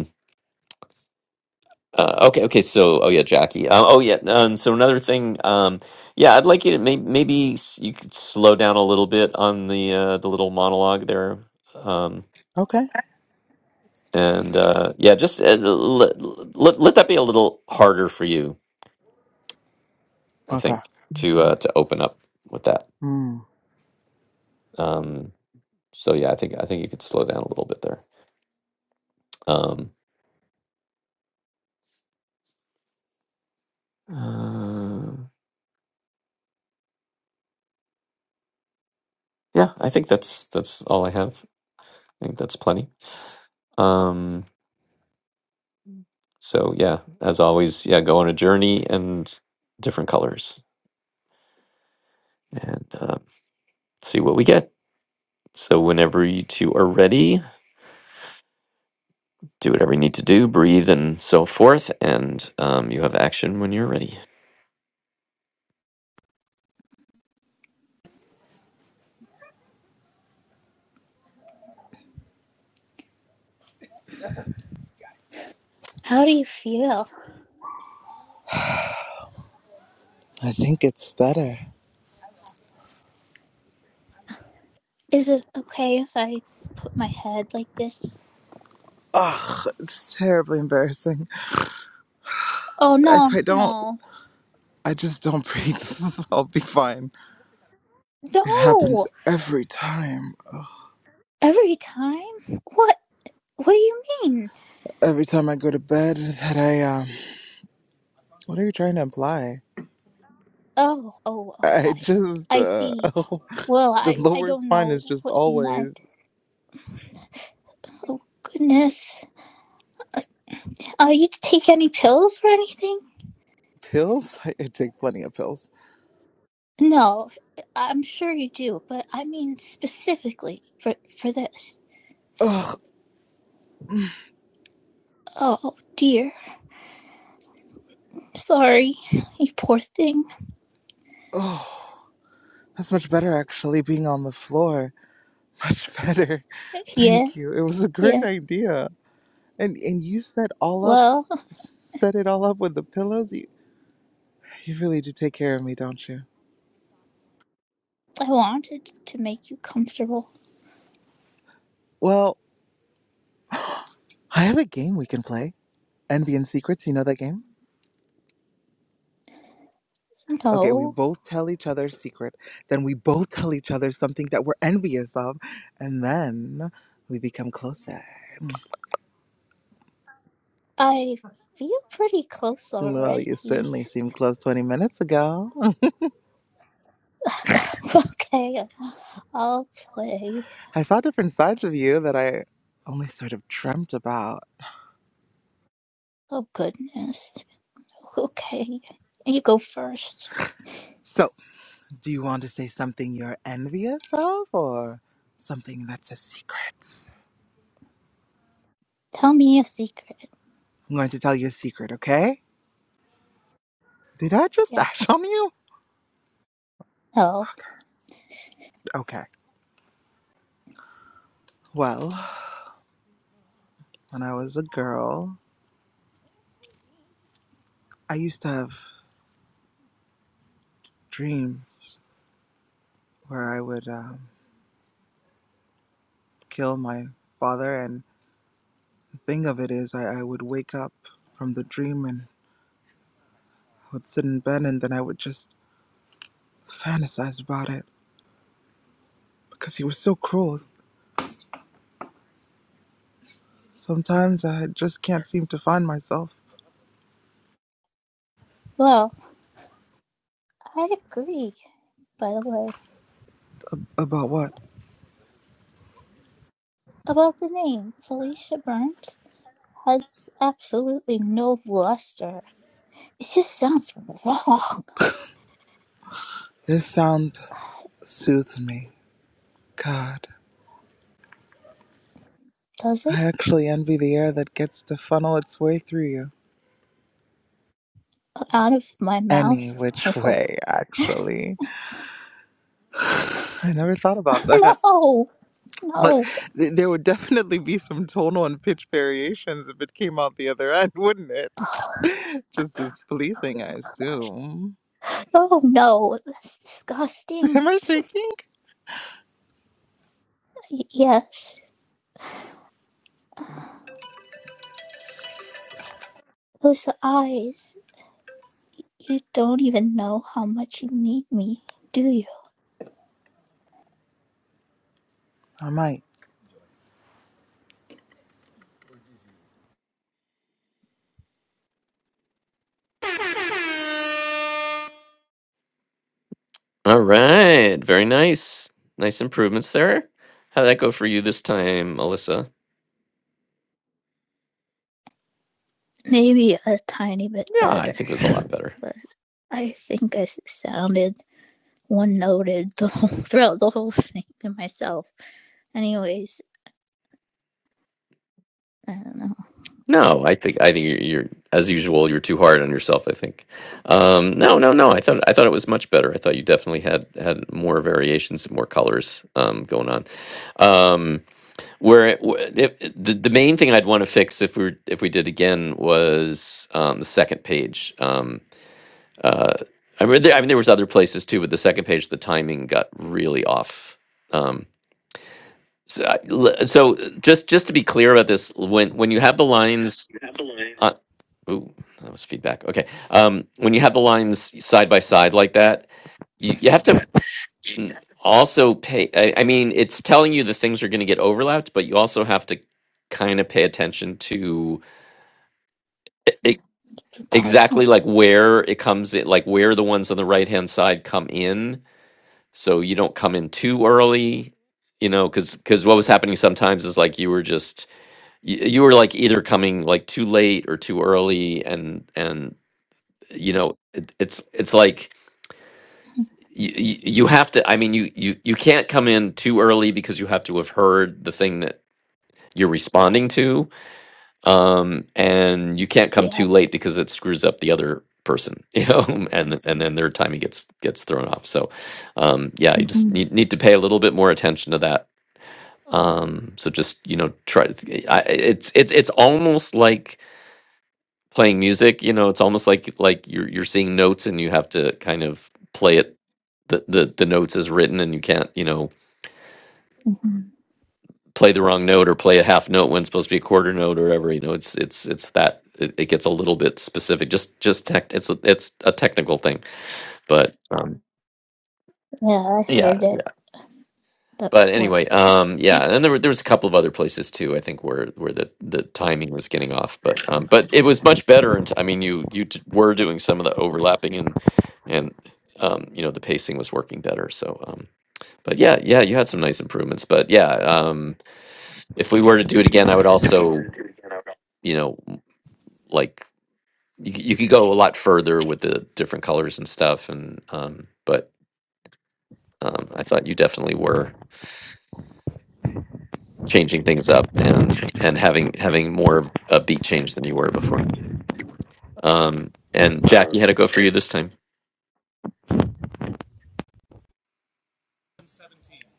A: Uh, okay, okay. So, oh yeah, Jackie. Um, oh yeah. Um, so another thing. Um, yeah, I'd like you to maybe, maybe s- you could slow down a little bit on the uh, the little monologue there. Um,
B: Okay.
A: and uh, yeah, just uh, let, let let that be a little harder for you. I
B: Okay.
A: think to uh, to open up with that.
B: Mm.
A: Um, so yeah, I think I think you could slow down a little bit there. Um, uh, yeah, I think that's that's all I have. I think that's plenty. Um, So yeah, as always, yeah, go on a journey and different colors and uh, see what we get. So whenever you two are ready, do whatever you need to do, breathe and so forth, and um, you have action when you're ready.
D: How do you feel?
B: I think it's better.
D: Is it okay if I put my head like this?
B: Ugh, it's terribly embarrassing.
D: Oh, no,
B: If I don't,
D: no.
B: I just don't breathe. I'll be fine. It happens
D: No!
B: every time. Ugh.
D: Every time? What? What do you mean?
B: Every time I go to bed, that I um. What are you trying to imply?
D: Oh, oh, oh,
B: I
D: I,
B: just
D: I
B: uh.
D: see.
B: Oh,
D: Well,
B: the
D: I, I
B: lower
D: don't
B: spine
D: know
B: is just
D: what you meant.
B: always
D: Oh, goodness. Uh, you take any pills or anything?
B: pills. I, I take plenty of pills.
D: No, I'm sure you do, but I mean specifically for, for this.
B: Ugh.
D: Oh, oh, dear. Sorry, you poor thing.
B: Oh, that's much better actually. Being on the floor. Much better.
D: Yes,
B: Thank you. It was a great
D: yeah.
B: idea. And and you set all up
D: Well,
B: set it all up with the pillows. You you really do take care of me, don't you?
D: I wanted to make you comfortable.
B: Well, I have a game we can play. Envy and Secrets, you know that game? Okay, we
D: No,
B: both tell each other a secret, then we both tell each other something that we're envious of, and then we become closer.
D: I feel pretty close
B: Well,
D: already.
B: you certainly seemed close 20 minutes ago.
D: okay, I'll play.
B: I saw different sides of you that I only sort of dreamt about.
D: Oh, goodness. Okay. You go first.
B: So. Do you want to say something you're envious of or something that's a secret?
D: Tell me a secret.
B: I'm going to tell you a secret, okay? Did I just dash
D: Yes.
B: on you?
D: No.
B: Okay. Okay. Well, when I was a girl, I used to have dreams where I would um, kill my father. And the thing of it is, I, I would wake up from the dream and I would sit in bed and then I would just fantasize about it because he was so cruel. Sometimes I just can't seem to find myself.
D: Well, I agree, by the way,
B: About what?
D: about the name. Felicia Burnt has absolutely no luster. It just sounds wrong.
B: This sound soothes me. God,
D: Does it?
B: I actually envy the air that gets to funnel its way through you.
D: Out of my mouth?
B: Any
D: I
B: which
D: hope.
B: way, actually. I never thought about that.
D: No!
B: But
D: No!
B: th- there would definitely be some tonal and pitch variations if it came out the other end, wouldn't it? Just as pleasing, I assume.
D: Oh, no. That's disgusting.
B: Am I shaking?
D: yes. Those eyes. You don't even know how much you need me, do you?
B: I might.
A: All right, very nice, nice improvements there. How would that go for you this time, Alyssa?
D: Maybe a tiny bit
A: Yeah, I
D: better,
A: think it was a lot better.
D: but I think I sounded one noted the whole, throughout the whole thing to myself. Anyways, I don't know.
A: No, I think I think you're, you're as usual. You're too hard on yourself. I think. Um, no, no, no. I thought I thought it was much better. I thought you definitely had had more variations, more colors um, going on. Um, where it, wh- if, the the main thing I'd want to fix if we were, if we did again was um, the second page. Um, uh, I mean, there, I mean, there was other places too, but the second page, the timing got really off. Um, so, I- l- so just just to be clear about this, when when you have the lines
D: Grab
A: uh, ooh, that was feedback. Okay. Um, when you have the lines side by side like that, you, you have to mm, also pay. I, I mean, it's telling you the things are going to get overlapped, but you also have to kind of pay attention to e- e-
D: The partner.
A: exactly like where it comes in, like where the ones on the right hand side come in. So you don't come in too early, you know, because because what was happening sometimes is like you were just you, you were like either coming like too late or too early and and you know it, it's it's like you, you have to i mean you, you you can't come in too early because you have to have heard the thing that you're responding to um and you can't come
D: Yeah.
A: too late because it screws up the other person you know and and then their timing gets gets thrown off so um yeah you just
D: hmm
A: need, need to pay a little bit more attention to that um so just you know try I, it's it's it's almost like playing music you know it's almost like like you're you're seeing notes and you have to kind of play it the, the the notes is written and you can't you know
D: hmm
A: play the wrong note or play a half note when it's supposed to be a quarter note or whatever you know it's it's it's that it, it gets a little bit specific just just tech it's a, it's a technical thing but um
D: Yeah, I
A: yeah
D: heard it. That
A: but
D: what?
A: anyway um yeah
D: Yeah.
A: and there were there was a couple of other places too i think where where the the timing was getting off but um but it was much better and i mean you you d- were doing some of the overlapping and and um you know the pacing was working better so um, but yeah, yeah, you had some nice improvements. But yeah, um, if we were to do it again, I would
D: If we
A: also,
D: were to do it again, I would-
A: you know, m- like you, c- you could go a lot further with the different colors and stuff. And um, but um, I thought you definitely were changing things up and and having having more of a beat change than you were before. Um, and Jack, you
D: um,
A: had a go for you
D: and
A: this time.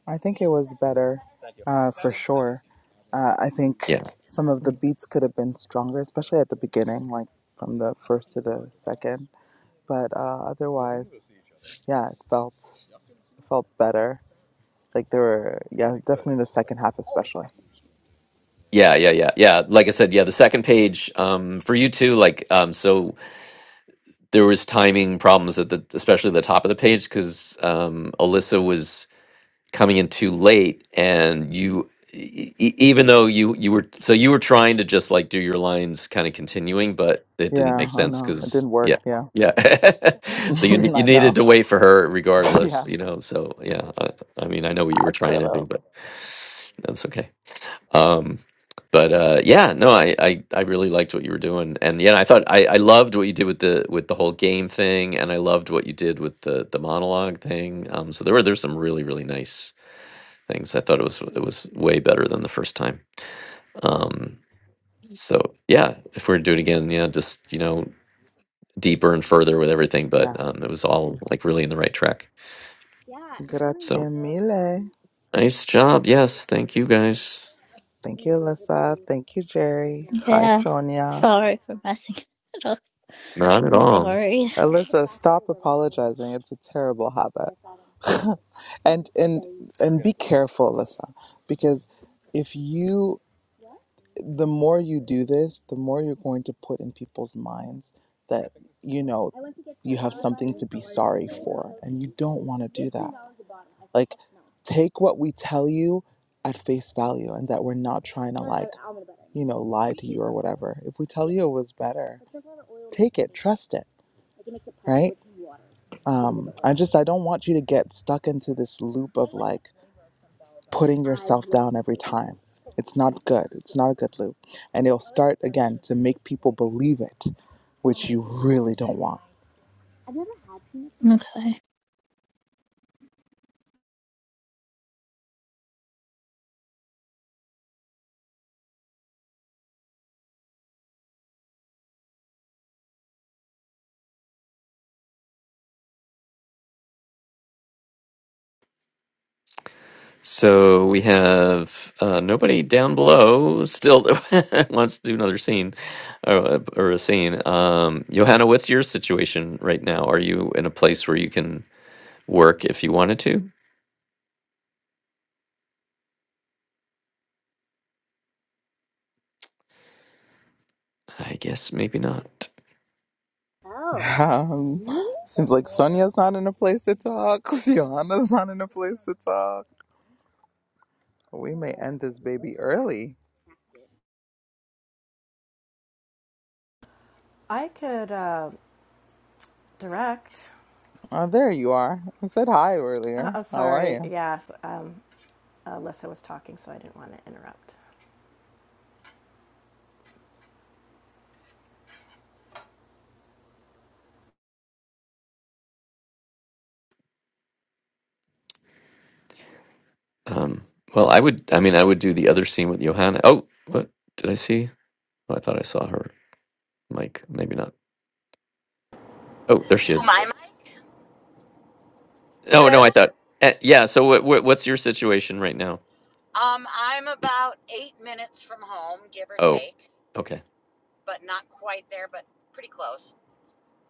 B: I think it was better, uh, for sure. Uh, I think
A: Yeah.
B: some of the beats could have been stronger, especially at the beginning, like from the first to the second. But uh, otherwise, yeah, it felt it felt better. Like there were, yeah, definitely the second half, especially.
A: Yeah, yeah, yeah, yeah. Like I said, yeah, the second page um, for you too. Like, um, so there was timing problems at the especially the top of the page because um, Alyssa was coming in too late, and you e- e- even though you you were so you were trying to just like do your lines kind of continuing, but it didn't make
B: Yeah, I
A: sense
B: know it
A: because
B: didn't work.
A: yeah
B: Yeah,
A: yeah so you ne- you
B: I
A: needed
B: know.
A: to wait for her regardless
B: Yeah,
A: you know so yeah I, I mean I know what you were
B: I should
A: trying to do
B: have.
A: but that's okay. Um, but uh, yeah, no, I, I I really liked what you were doing, and yeah, I thought I, I loved what you did with the with the whole game thing, and I loved what you did with the the monologue thing. Um, so there were there's some really really nice things. I thought it was it was way better than the first time. Um, so yeah, if we're to do it again, yeah, just you know deeper and further with everything, but
B: Yeah.
A: um, it was all like really in the right track. So
B: Grazie mille.
A: nice job, yes, thank you guys.
B: Thank you, Alyssa. Thank you, Jerry. Hi,
D: yeah.
B: Sonia.
D: Sorry for messing it up.
A: Not at
D: I'm
A: all.
D: sorry.
B: Alyssa, stop apologizing. It's a terrible habit. and and and be careful, Alyssa, because if you the more you do this, the more you're going to put in people's minds that you know you have something to be sorry for, and you don't want to do that. Like take what we tell you at face value and that we're not trying to like you know lie to you or whatever if we tell you it was better take it trust it right um i just i don't want you to get stuck into this loop of like putting yourself down every time it's not good it's not a good loop and it'll start again to make people believe it which you really don't want
D: Okay.
A: So we have uh, nobody down below still wants to do another scene or, or a scene. Um, Johanna, what's your situation right now? Are you in a place where you can work if you wanted to? I guess maybe not.
B: Oh. Um, seems like Sonia's not in a place to talk. Johanna's not in a place to talk. We may end this baby early.
F: I could uh, direct.
B: Oh, there you are. I said hi
F: Uh,
B: earlier.
F: oh,
B: How are
F: sorry.
B: you?
F: Yeah, um, Alyssa was talking, so I didn't want to interrupt.
A: Um, well, I would. I mean, I would do the other scene with Johanna. Oh, what did I see? Oh, I thought I saw her mic. Maybe not. Oh, there she
E: Who
A: is.
E: my mic?
A: Oh no, I
E: Hello.
A: thought. eh, yeah. So what, what? What's your situation right now?
E: Um, I'm
A: Y-
E: about eight minutes from home, give or
A: Oh,
E: take,
A: okay.
E: but not quite there, but pretty close.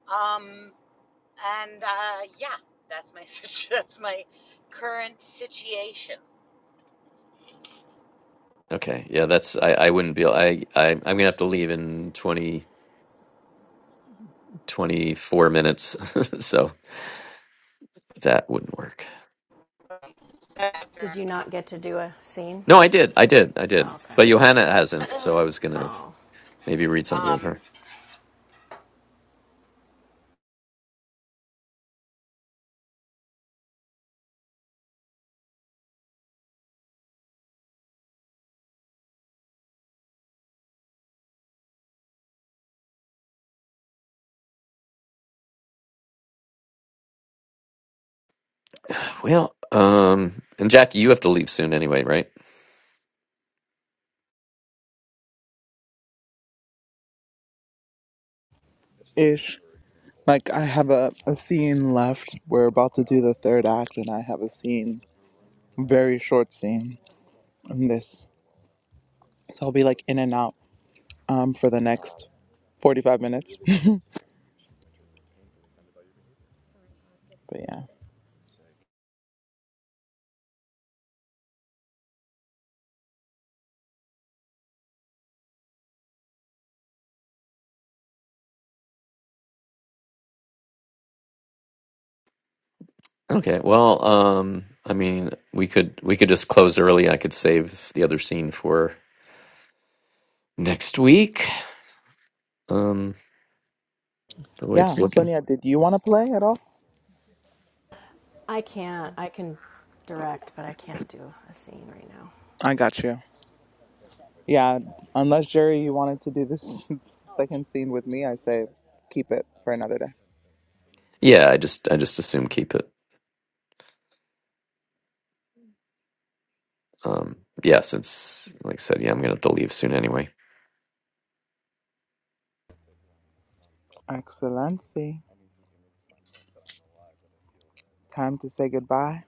E: Um, and uh, yeah, that's my situ- that's my current situation.
A: Okay. Yeah, that's I, I wouldn't be I, I I'm gonna have to leave in 20 24 minutes. so that wouldn't work.
F: Did you not get to do a scene?
A: No, I did. I did. I did.
F: Oh, okay.
A: But Johanna hasn't, so I was gonna
F: Oh,
A: maybe read something with
E: um,
A: her. Well, um and Jackie, you have to leave soon anyway, right?
B: Ish. Like, I have a, a scene left. We're about to do the third act, and I have a scene, very short scene, in this. So I'll be like in and out um, for the next 45 minutes. but yeah.
A: Okay. Well, um I mean we could we could just close early. I could save the other scene for next week. Um the way it's
B: Yeah,
A: looking.
B: Sonia, did you want to play at all?
F: I can't. I can direct, but I can't do a scene right now.
B: I got you. Yeah, unless Jerry, you wanted to do this second scene with me, I say keep it for another day.
A: Yeah, I just I just assume keep it. Um, yeah, since, like I said, yeah, I'm going to have to leave soon anyway.
B: Excellency, time to say goodbye.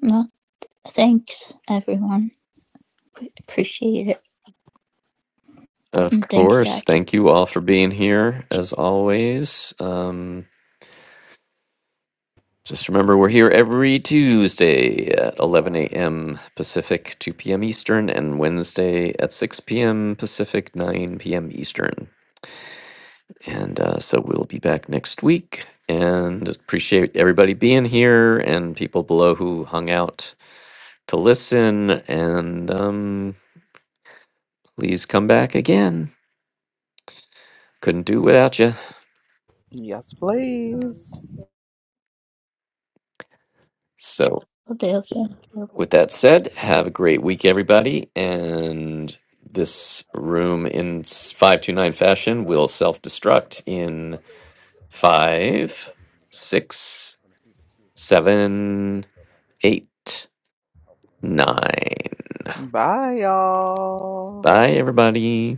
D: Well, thanks, everyone. Appreciate it.
A: Of
D: And thanks,
A: course.
D: Jackie.
A: Thank you all for being here, as always. Um, just remember, we're here every Tuesday at 11
B: Yeah.
A: a.m. Pacific, 2 p.m. Eastern, and Wednesday at 6 p.m. Pacific, 9 p.m. Eastern. And uh, so we'll be back next week. And appreciate everybody being here and people below who hung out to listen. And um, please come back again. couldn't do without you.
B: Yes, please.
A: So,
D: Okay, okay.
A: with that said, have a great week, everybody. And this room in 529 fashion will self destruct in five, six, seven, eight, nine.
B: Bye, y'all.
A: Bye, everybody.